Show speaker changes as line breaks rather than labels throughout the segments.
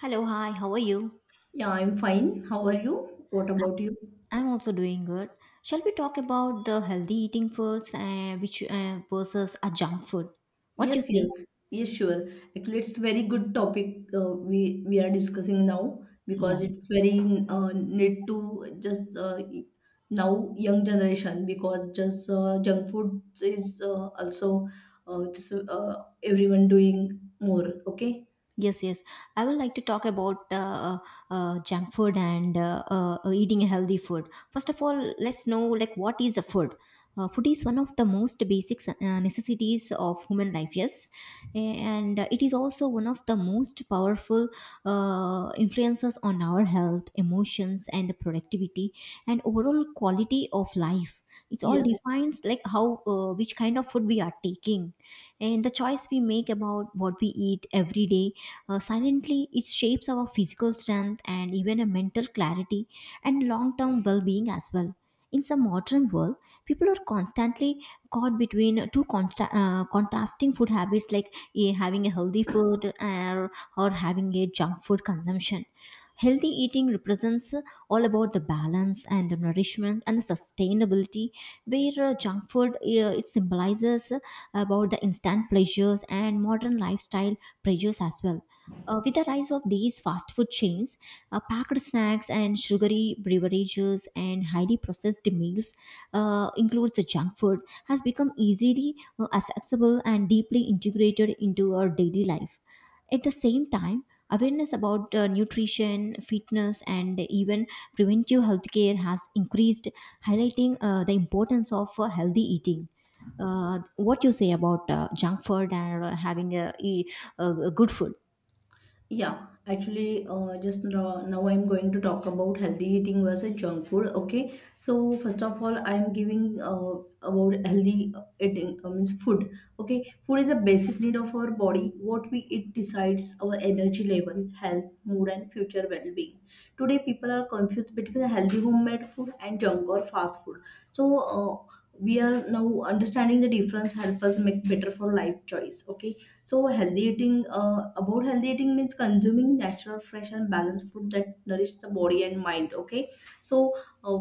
Hello, hi, how are you?
Yeah, I'm fine. How are you? What about you?
I'm also doing good. Shall we talk about the healthy eating foods which versus a junk food? What you
Yes,
say?
yes, yes, sure. Actually, it's very good topic we are discussing now
Yeah.
because it's very need to just now young generation because just junk food is also everyone doing more. Okay.
Yes, yes. I would like to talk about junk food and eating a healthy food. First of all, let's know like what is a food. Food is one of the most basic necessities of human life. Yes, and it is also one of the most powerful influences on our health, emotions, and the productivity and overall quality of life. It's all
Yes.
defines like how which kind of food we are taking, and the choice we make about what we eat every day silently it shapes our physical strength and even a mental clarity and long-term well-being as well. In some modern world, people are constantly caught between two contrasting food habits, like having a healthy food, or having a junk food consumption. Healthy eating represents, all about the balance and the nourishment and the sustainability, where junk food, it symbolizes about the instant pleasures and modern lifestyle pressures as well. With the rise of these fast food chains, packed snacks and sugary beverages and highly processed meals, includes the junk food, has become easily accessible and deeply integrated into our daily life. At the same time, awareness about nutrition, fitness, and even preventive healthcare has increased, highlighting the importance of healthy eating. What you say about junk food and having a, a good food?
Yeah, actually, now I'm going to talk about healthy eating versus junk food. Okay, so first of all, I'm giving about healthy eating means food. Okay, food is a basic need of our body. What we eat decides our energy level, health, mood, and future well-being. Today, people are confused between healthy homemade food and junk or fast food. So, uh, we are now understanding the difference help us make better for life choice. Okay, so healthy eating, about healthy eating means consuming natural, fresh and balanced food that nourish the body and mind. Okay, so uh,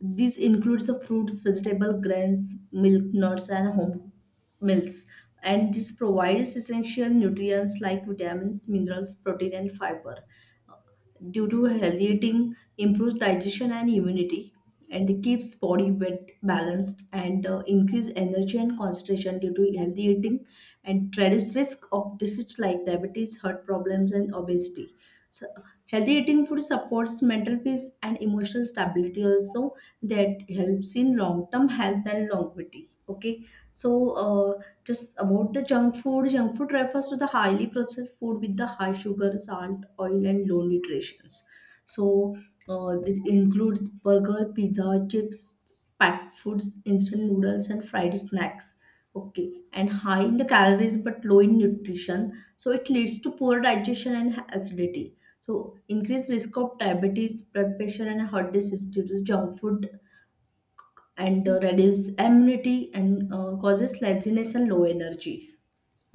this includes the fruits, vegetable, grains, milk, nuts, and home cooked meals. And this provides essential nutrients like vitamins, minerals, protein, and fiber due to healthy eating improves digestion and immunity, and it keeps body weight balanced, and increase energy and concentration due to healthy eating, and reduce risk of diseases like diabetes, heart problems and obesity. So healthy eating food supports mental peace and emotional stability also, that helps in long term health and longevity. Okay, so uh, just about the junk food refers to the highly processed food with the high sugar, salt, oil, and low nutrients. So it includes burger, pizza, chips, packed foods, instant noodles, and fried snacks. Okay, and high in the calories but low in nutrition. So it leads to poor digestion and acidity. So increased risk of diabetes, blood pressure, and heart disease due to junk food, and reduce immunity, and causes laziness and low energy.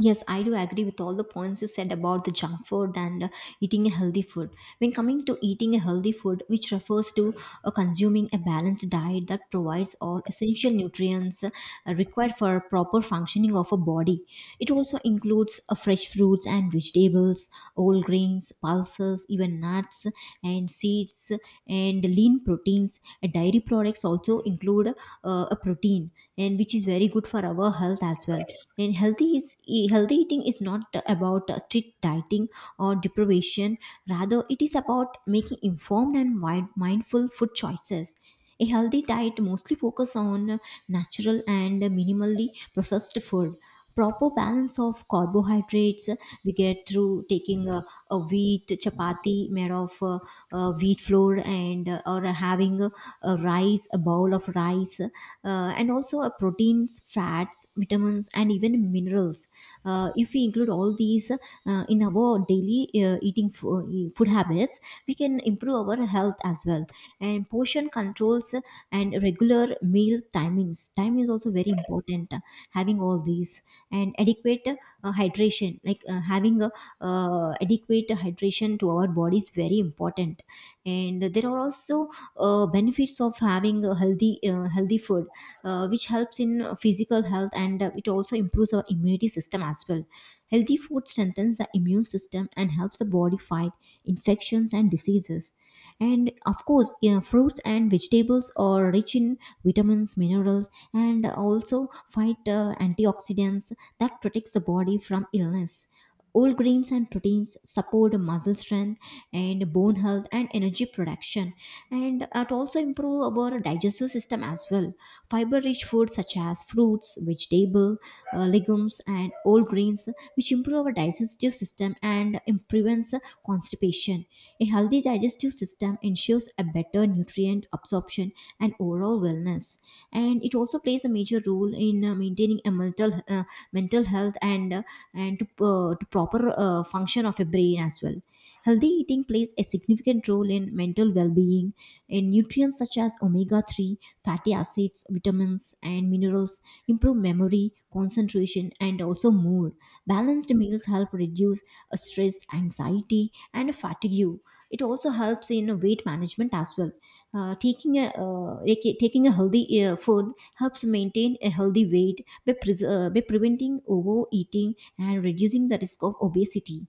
Yes, I do agree with all the points you said about the junk food and eating a healthy food. When coming to eating a healthy food, which refers to consuming a balanced diet that provides all essential nutrients required for proper functioning of a body. It also includes fresh fruits and vegetables, whole grains, pulses, even nuts and seeds, and lean proteins. Dairy products also include a protein, and which is very good for our health as well. And healthy is, healthy eating is not about strict dieting or deprivation, rather it is about making informed and wide, mindful food choices. A healthy diet mostly focuses on natural and minimally processed food, proper balance of carbohydrates. We get through taking a wheat chapati made of wheat flour, and or having a rice, a bowl of rice, and also proteins, fats, vitamins, and even minerals. If we include all these in our daily eating food habits, we can improve our health as well. And portion controls and regular meal timings. Time is also very important. Having all these and adequate hydration, like having a, adequate hydration to our body is very important. And there are also benefits of having a healthy food, which helps in physical health, and it also improves our immunity system as well. Healthy food strengthens the immune system and helps the body fight infections and diseases. And of course, yeah, fruits and vegetables are rich in vitamins, minerals, and also fight antioxidants that protects the body from illness. Whole grains and proteins support muscle strength and bone health and energy production, and it also improve our digestive system as well. Fiber-rich foods such as fruits, vegetable, legumes, and whole grains, which improve our digestive system, and prevents constipation. A healthy digestive system ensures a better nutrient absorption and overall wellness. And it also plays a major role in maintaining a mental health, and to, to proper function of a brain as well. Healthy eating plays a significant role in mental well-being, and nutrients such as omega-3 fatty acids, vitamins, and minerals improve memory, concentration, and also mood. Balanced meals help reduce stress, anxiety, and fatigue. It also helps in weight management as well. Taking a healthy food helps maintain a healthy weight by, by preventing overeating and reducing the risk of obesity.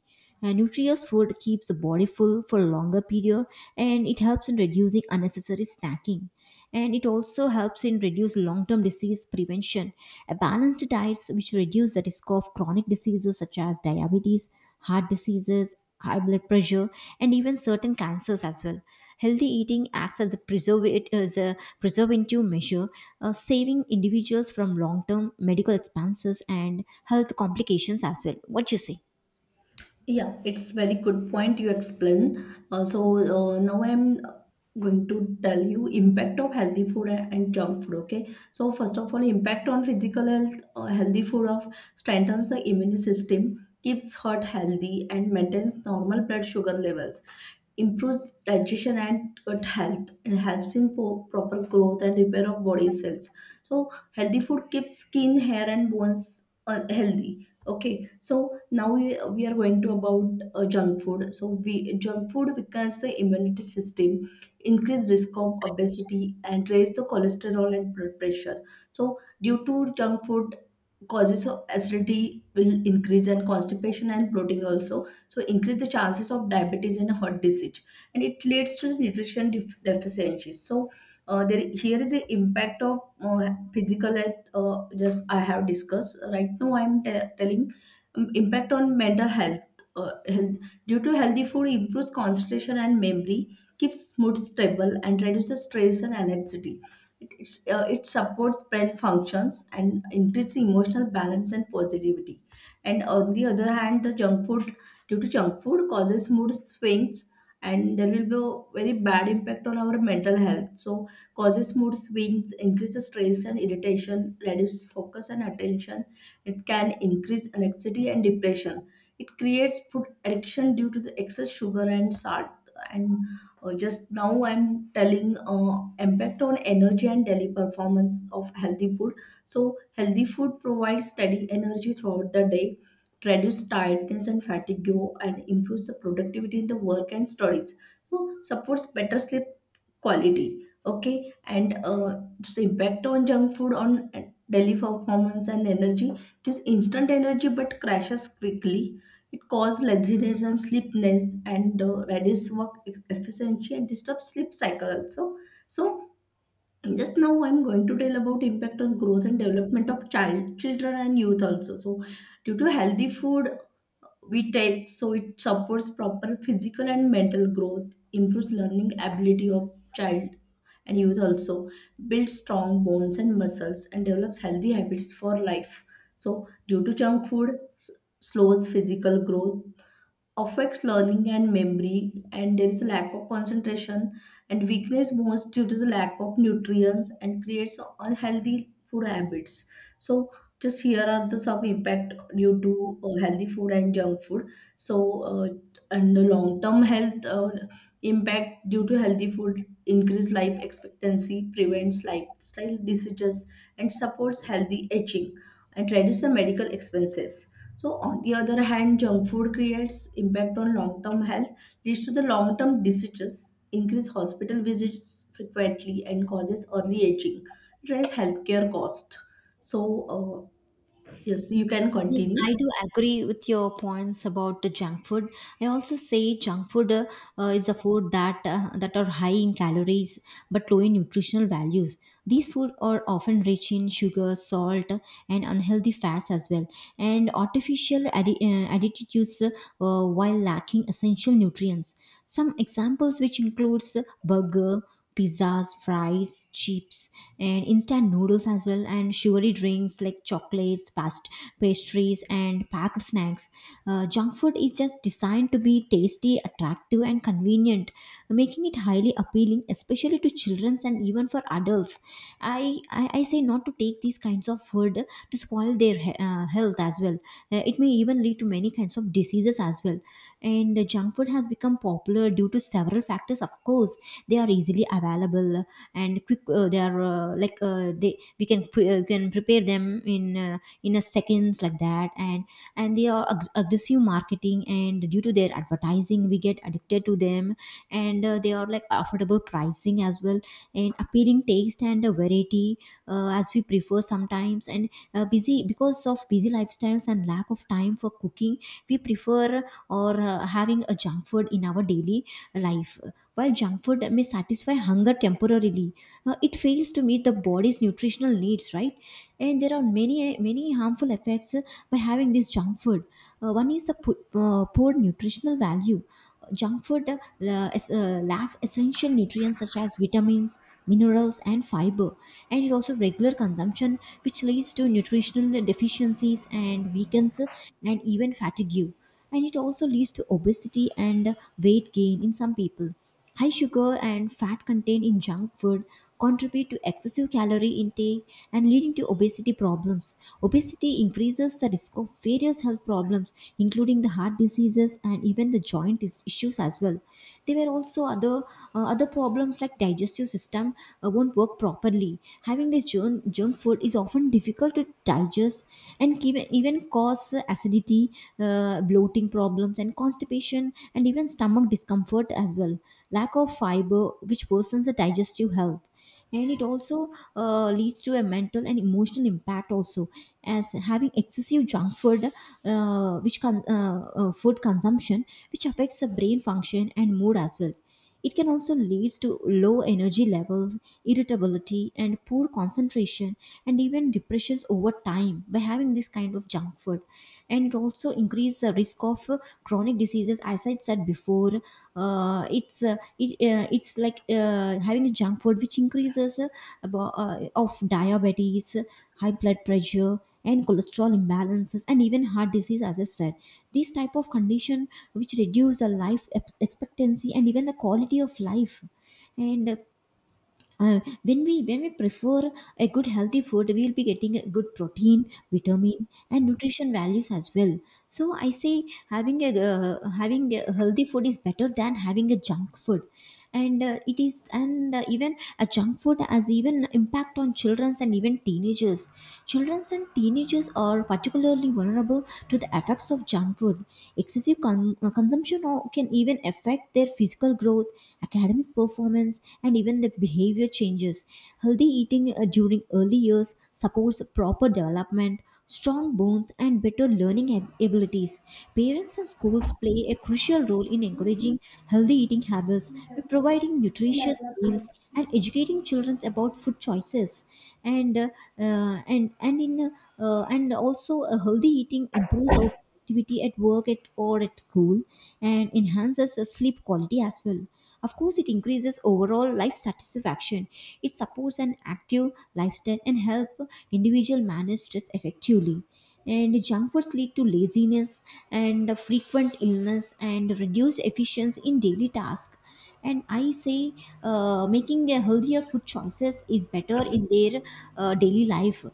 Nutritious food keeps the body full for a longer period, and it helps in reducing unnecessary snacking, and it also helps in reduce long-term disease prevention. A balanced diets which reduce the risk of chronic diseases such as diabetes, heart diseases, high blood pressure, and even certain cancers as well. Healthy eating acts as a preservative, as a preservative measure, saving individuals from long-term medical expenses and health complications as well. What you say?
Yeah, it's very good point you explain. So now I'm going to tell you impact of healthy food and junk food. Okay, so first of all, impact on physical health. Healthy food of strengthens the immune system, keeps heart healthy, and maintains normal blood sugar levels, improves digestion and gut health, and helps in proper growth and repair of body cells. So healthy food keeps skin, hair and bones healthy. Okay, so now we are going to about junk food. So we, junk food weakens the immunity system, increase risk of obesity and raise the cholesterol and blood pressure. So due to junk food, causes of acidity will increase, and constipation and bloating also. So increase the chances of diabetes and heart disease, and it leads to nutrition deficiencies. So there, here is a impact of physical health, just I have discussed. Right now I'm telling impact on mental health, health. Due to healthy food improves concentration and memory, keeps mood stable and reduces stress and anxiety. It supports brain functions and increases emotional balance and positivity. And on the other hand, the junk food, due to junk food causes mood swings, and there will be a very bad impact on our mental health. So causes mood swings, increases stress and irritation, reduces focus and attention, it can increase anxiety and depression. It creates food addiction due to the excess sugar and salt. And just now I'm telling uh, impact on energy and daily performance of healthy food. So healthy food provides steady energy throughout the day, reduce tiredness and fatigue, and improves the productivity in the work and studies. So supports better sleep quality. Okay, and its impact on junk food on daily performance and energy, gives instant energy but crashes quickly. It causes laziness and sleepiness, and reduces work efficiency and disturbs sleep cycle also. So just now I'm going to tell about impact on growth and development of child, children and youth also. So due to healthy food we take, so it supports proper physical and mental growth, improves learning ability of child and youth also, builds strong bones and muscles, and develops healthy habits for life. So due to junk food, slows physical growth, affects learning and memory, and there is a lack of concentration and weakness most due to the lack of nutrients, and creates unhealthy food habits. So just here are the some impact due to healthy food and junk food. So uh, and the long term health impact due to healthy food, increase life expectancy, prevents lifestyle diseases and supports healthy aging, and reduce the medical expenses. So on the other hand, junk food creates impact on long-term health, leads to the long-term diseases, increase hospital visits frequently, and causes early aging. It raises healthcare cost. So yes, you can
Yes, I
continue.
do agree with your points about the junk food. I also say junk food, is a food that that are high in calories but low in nutritional values. These food are often rich in sugar, salt, and unhealthy fats as well. And artificial additives, while lacking essential nutrients. Some examples which includes burger, pizzas, fries, chips, and instant noodles as well, and sugary drinks like chocolates, pastries, and packed snacks. Junk food is just designed to be tasty, attractive, and convenient, making it highly appealing, especially to children and even for adults. I say not to take these kinds of food to spoil their health as well. It may even lead to many kinds of diseases as well. And junk food has become popular due to several factors. Of course, they are easily available and quick. They are like they we can can prepare them in a seconds like that, and they are aggressive marketing, and due to their advertising we get addicted to them. And they are like affordable pricing as well, and appealing taste and variety, as we prefer sometimes. And busy because of busy lifestyles and lack of time for cooking, we prefer or having a junk food in our daily life. While junk food may satisfy hunger temporarily, it fails to meet the body's nutritional needs, right? And there are many harmful effects by having this junk food. One is the poor nutritional value. Junk food lacks essential nutrients such as vitamins, minerals, and fiber, and it also regular consumption, which leads to nutritional deficiencies and weakens, and even fatigue. And it also leads to obesity and weight gain in some people. High sugar and fat contained in junk food contribute to excessive calorie intake and leading to obesity problems. Obesity increases the risk of various health problems, including the heart diseases and even the issues as well. There were also other other problems like digestive system won't work properly. Having this junk food is often difficult to digest, and even cause acidity, bloating problems, and constipation, and even stomach discomfort as well. Lack of fiber, which worsens the digestive health. And it also leads to a mental and emotional impact also, as having excessive junk food food consumption which affects the brain function and mood as well. It can also lead to low energy levels, irritability, and poor concentration, and even depressions over time by having this kind of junk food. And it also increases the risk of chronic diseases, as I said before. It's like having a junk food which increases of diabetes, high blood pressure, and cholesterol imbalances, and even heart disease, as I said. These type of condition which reduce the life expectancy and even the quality of life. And when we prefer a good healthy food, we will be getting a good protein, vitamin, and nutrition values as well. So I say having a having a healthy food is better than having a junk food. And it is, and even a junk food has even impact on childrens and even teenagers. Childrens and teenagers are particularly vulnerable to the effects of junk food. Excessive consumption can even affect their physical growth, academic performance, and even the behavior changes. Healthy eating during early years supports proper development, strong bones, and better learning abilities. Parents and schools play a crucial role in encouraging healthy eating habits by providing nutritious meals and educating children about food choices. And and in and Also, a healthy eating improves our productivity at work at or at school, and enhances the sleep quality as well. Of course, it increases overall life satisfaction. It supports an active lifestyle and help individual manage stress effectively. And junk foods lead to laziness and frequent illness and reduced efficiency in daily tasks. And I say making a healthier food choices is better in their daily life.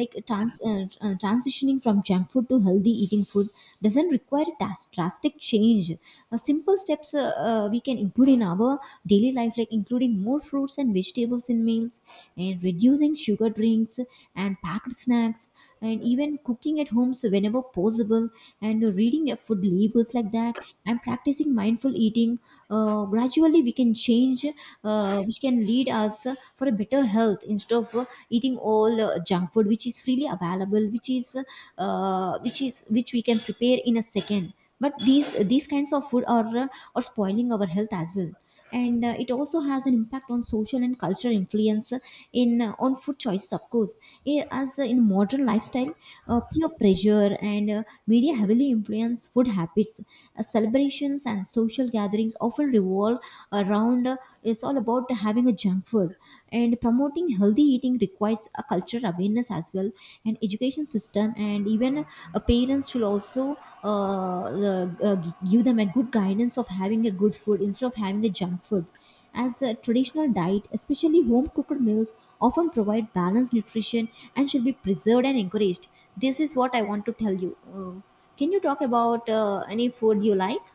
Like transitioning from junk food to healthy eating food doesn't require drastic change. Simple steps we can include in our daily life, like including more fruits and vegetables in meals, and reducing sugar drinks and packed snacks, and even cooking at homes whenever possible, and reading food labels like that, and practicing mindful eating. Gradually we can change, which can lead us for a better health instead of eating all junk food which is freely available, which is which we can prepare in a second. But these kinds of food are spoiling our health as well. And it also has an impact on social and cultural influence, in on food choices of course. Eh, as In modern lifestyle, peer pressure and media heavily influence food habits. Celebrations and social gatherings often revolve around, it's all about having a junk food. And promoting healthy eating requires a cultural awareness as well, and education system. And even parents should also give them a good guidance of having a good food instead of having a junk food, as a traditional diet, especially home cooked meals, often provide balanced nutrition and should be preserved and encouraged. This is what I want to tell you. Uh, can you talk about any food you like?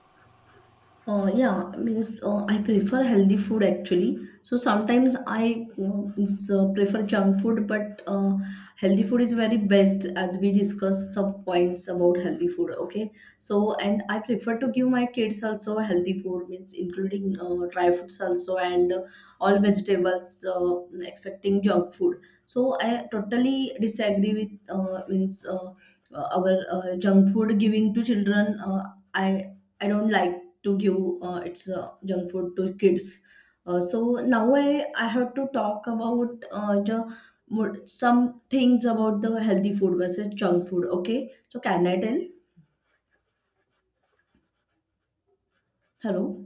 Yeah, means I prefer healthy food actually. So sometimes I prefer junk food, but healthy food is very best as we discussed some points about healthy food. Okay, so and I prefer to give my kids also healthy food, means including dry fruits also, and all vegetables, expecting junk food. So I totally disagree with means our junk food giving to children. I don't like to give its junk food to kids. So now I have to talk about some things about the healthy food versus junk food. Okay, so can I tell? Hello.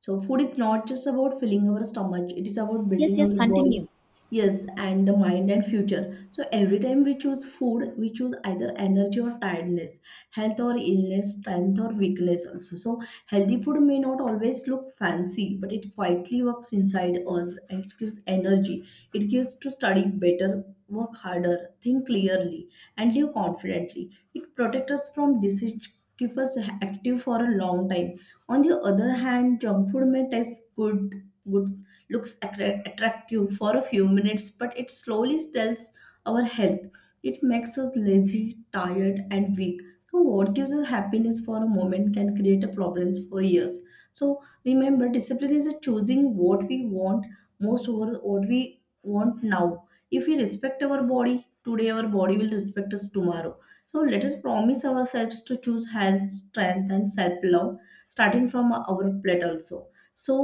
So food is not just about filling our stomach, it is about
Yes,
building
yes,
our body,
continue.
yes, and the mind and future. So every time we choose food, we choose either energy or tiredness, health or illness, strength or weakness also. So healthy food may not always look fancy, but it quietly works inside us and it gives energy. It gives to study better, work harder, think clearly, and live confidently. It protects us from disease, keeps us active for a long time. On the other hand, junk food may taste good, goods, looks attractive for a few minutes, but it slowly steals our health. It makes us lazy, tired, and weak. So, what gives us happiness for a moment can create a problem for years. So, remember, discipline is a choosing what we want most over what we want now. If we respect our body today, our body will respect us tomorrow. So, let us promise ourselves to choose health, strength, and self love, starting from our plate also. So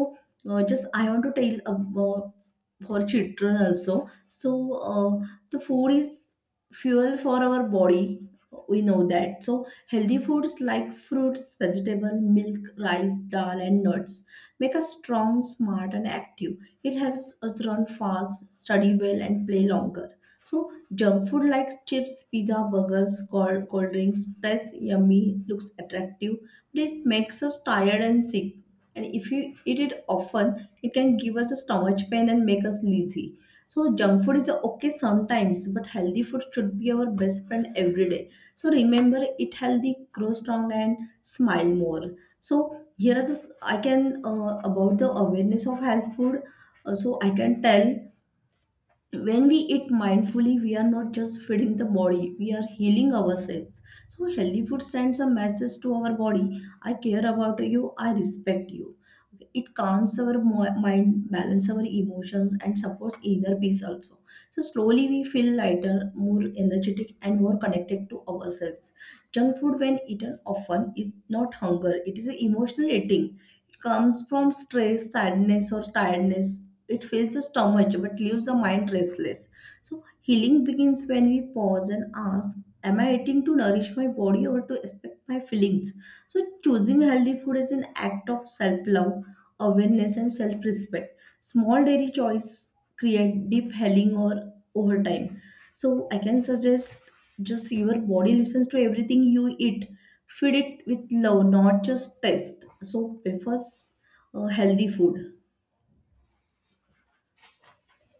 just I want to tell about for children also. So the food is fuel for our body, we know that. So healthy foods like fruits, vegetable, milk, rice, dal and nuts make us strong, smart and active. It helps us run fast, study well, and play longer. So, junk food like chips, pizza, burgers, cold drinks, tastes yummy, looks attractive, but it makes us tired and sick. And if you eat it often, it can give us a stomach pain and make us lazy. So junk food is okay sometimes, but healthy food should be our best friend every day. So remember, eat healthy, grow strong, and smile more. So here is this, I can about the awareness of health food. So I can tell, when we eat mindfully, we are not just feeding the body; we are healing ourselves. So healthy food sends a message to our body: I care about you, I respect you. Okay, it calms our mind, balance our emotions, and supports inner peace also. So slowly we feel lighter, more energetic, and more connected to ourselves. Junk food, when eaten often, is not hunger, it is an emotional eating. It comes from stress, sadness, or tiredness. It fills the stomach but leaves the mind restless. So healing begins when we pause and ask, am I eating to nourish my body or to expect my feelings? So choosing healthy food is an act of self-love, awareness and self-respect. Small daily choice create deep healing or over time. So I can suggest, just your body listens to everything you eat. Feed it with love, not just taste. So prefers healthy food.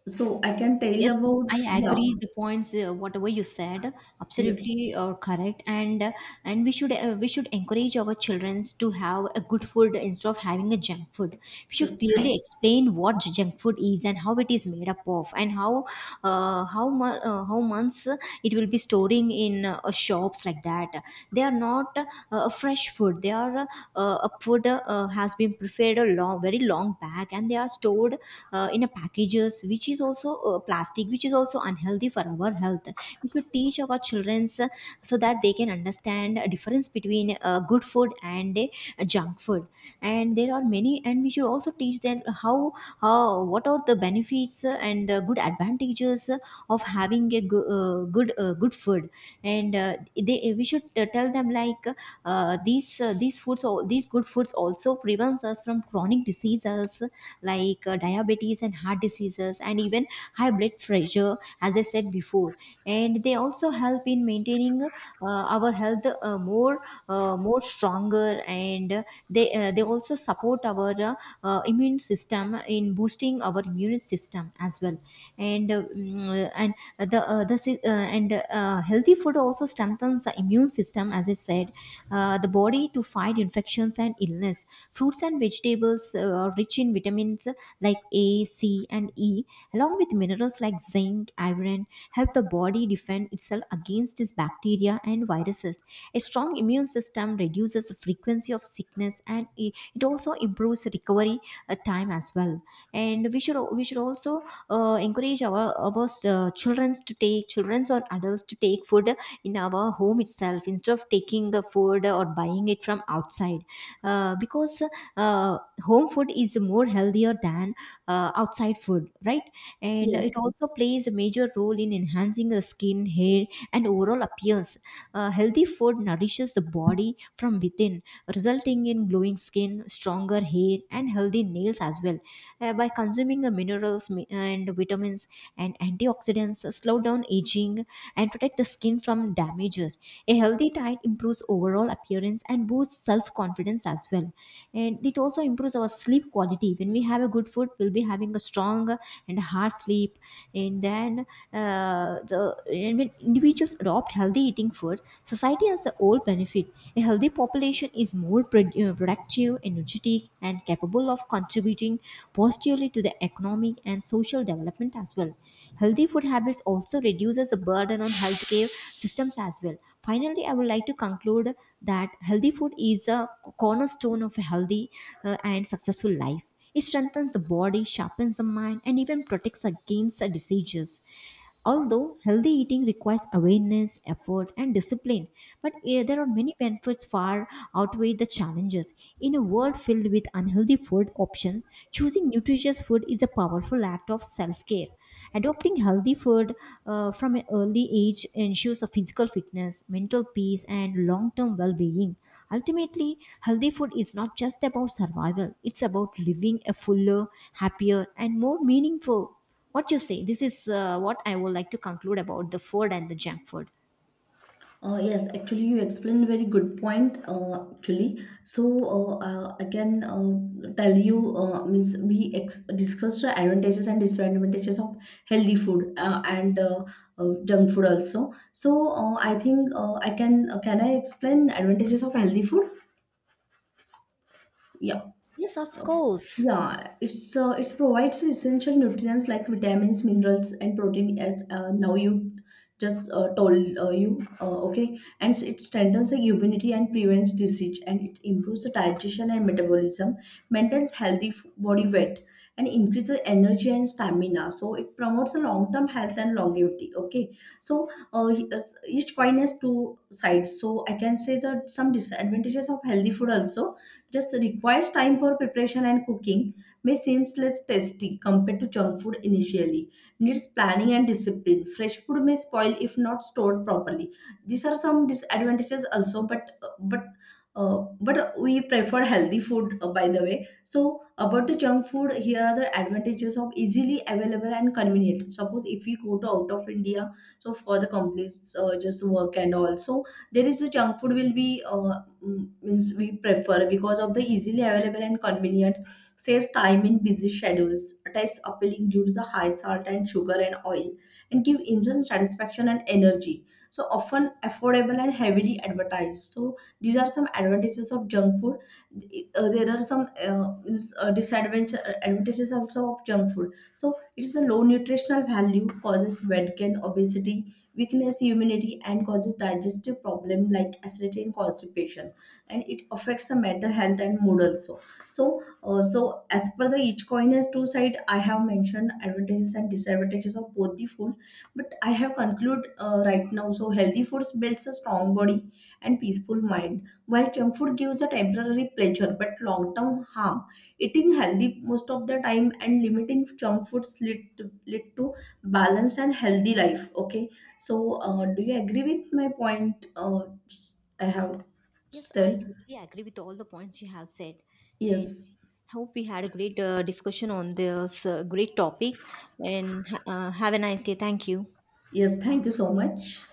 So I can tell
Yes,
about,
I
yeah,
agree. The points, whatever you said,
yes,
absolutely correct. And and we should, we should encourage our children to have a good food instead of having a junk food. We should
yes,
clearly
thank,
explain what junk food is and how it is made up of, and how how months it will be storing in shops like that. They are not a fresh food. They are a food has been prepared a long, very long back, and they are stored in a packages which is also plastic, which is also unhealthy for our health. We should teach our children so that they can understand a difference between good food and junk food. And there are many, and we should also teach them how, what are the benefits and the good advantages of having a go- good good food. And they we should tell them like these foods, these good foods also prevents us from chronic diseases like diabetes and heart diseases and even high blood pressure, as I said before. And they also help in maintaining our health more stronger. And they also support our immune system, in boosting our immune system as well. And mm, and the si- and Healthy food also strengthens the immune system, as I said, the body to fight infections and illness. Fruits and vegetables rich in vitamins like A, C, and E, along with minerals like zinc, iron, help the body defend itself against these bacteria and viruses. A strong immune system reduces the frequency of sickness, and it also improves recovery time as well. And we should al- We should also encourage our childrens to take, childrens or adults to take food in our home itself instead of taking the food or buying it from outside, because uh, home food is more healthier than outside food, right? And
yes.
it also plays a major role in enhancing the skin, hair, and overall appearance. Healthy food nourishes the body from within, resulting in glowing skin, stronger hair, and healthy nails as well. By consuming the minerals and vitamins and antioxidants, slow down aging and protect the skin from damages. A healthy diet improves overall appearance and boosts self confidence as well. And it also improves our sleep quality. When we have a good food, we'll be having a strong and hard sleep. And then the and When individuals adopt healthy eating food, society has a whole benefit. A healthy population is more productive, energetic, and capable of contributing positively to the economic and social development as well. Healthy food habits also reduces the burden on healthcare systems as well. Finally, I would like to conclude that healthy food is a cornerstone of a healthy and successful life. It strengthens the body, sharpens the mind, and even protects against the diseases. Although healthy eating requires awareness, effort, and discipline, but there are many benefits far outweigh the challenges. In a world filled with unhealthy food options, choosing nutritious food is a powerful act of self care. Adopting healthy food from an early age ensures a physical fitness, mental peace, and long term well being. Ultimately, healthy food is not just about survival, it's about living a fuller, happier, and more meaningful. What you say? This is what I would like to conclude about the food and the junk food.
Yes, actually, you explained a very good point. Actually, so I can tell you, means we discussed the advantages and disadvantages of healthy food and junk food also. So I think I can I explain advantages of healthy food? Yeah.
Yes, of course.
Yeah, it's provides essential nutrients like vitamins, minerals, and protein. As now you just told okay, and it strengthens the immunity and prevents disease, and it improves the digestion and metabolism, maintains healthy body weight, and increases energy and stamina. So it promotes a long term health and longevity. Okay, so each coin has two sides. So I can say that some disadvantages of healthy food also, just requires time for preparation and cooking, may seem less tasty compared to junk food initially. Needs planning and discipline. Fresh food may spoil if not stored properly. These are some disadvantages also, but we prefer healthy food by the way. So about the junk food, here are the advantages of easily available and convenient. Suppose if we go to out of India, so for the companies just work, and also there is a junk food will be means we prefer because of the easily available and convenient, saves time in busy schedules, tastes appealing due to the high salt and sugar and oil, and give instant satisfaction and energy. So often affordable and heavily advertised. So these are some advantages of junk food. There are some disadvantages advantages also of junk food. So it is a low nutritional value, causes weight gain, obesity, weakness immunity, and causes digestive problem like acidity and constipation, and it affects the mental health and mood also. So as per the each coin has two side, I have mentioned advantages and disadvantages of both the food, but I have concluded right now. So healthy foods builds a strong body and peaceful mind, while junk food gives a temporary pleasure but long term harm. Eating healthy most of the time and limiting junk foods lead to balanced and healthy life. Okay, so do you agree with my point I have.
Yes, I
Still,
totally agree with all the points you have said. And
yes,
hope we had a great discussion on this great topic. And have a nice day. Thank you.
yes, thank, you so much.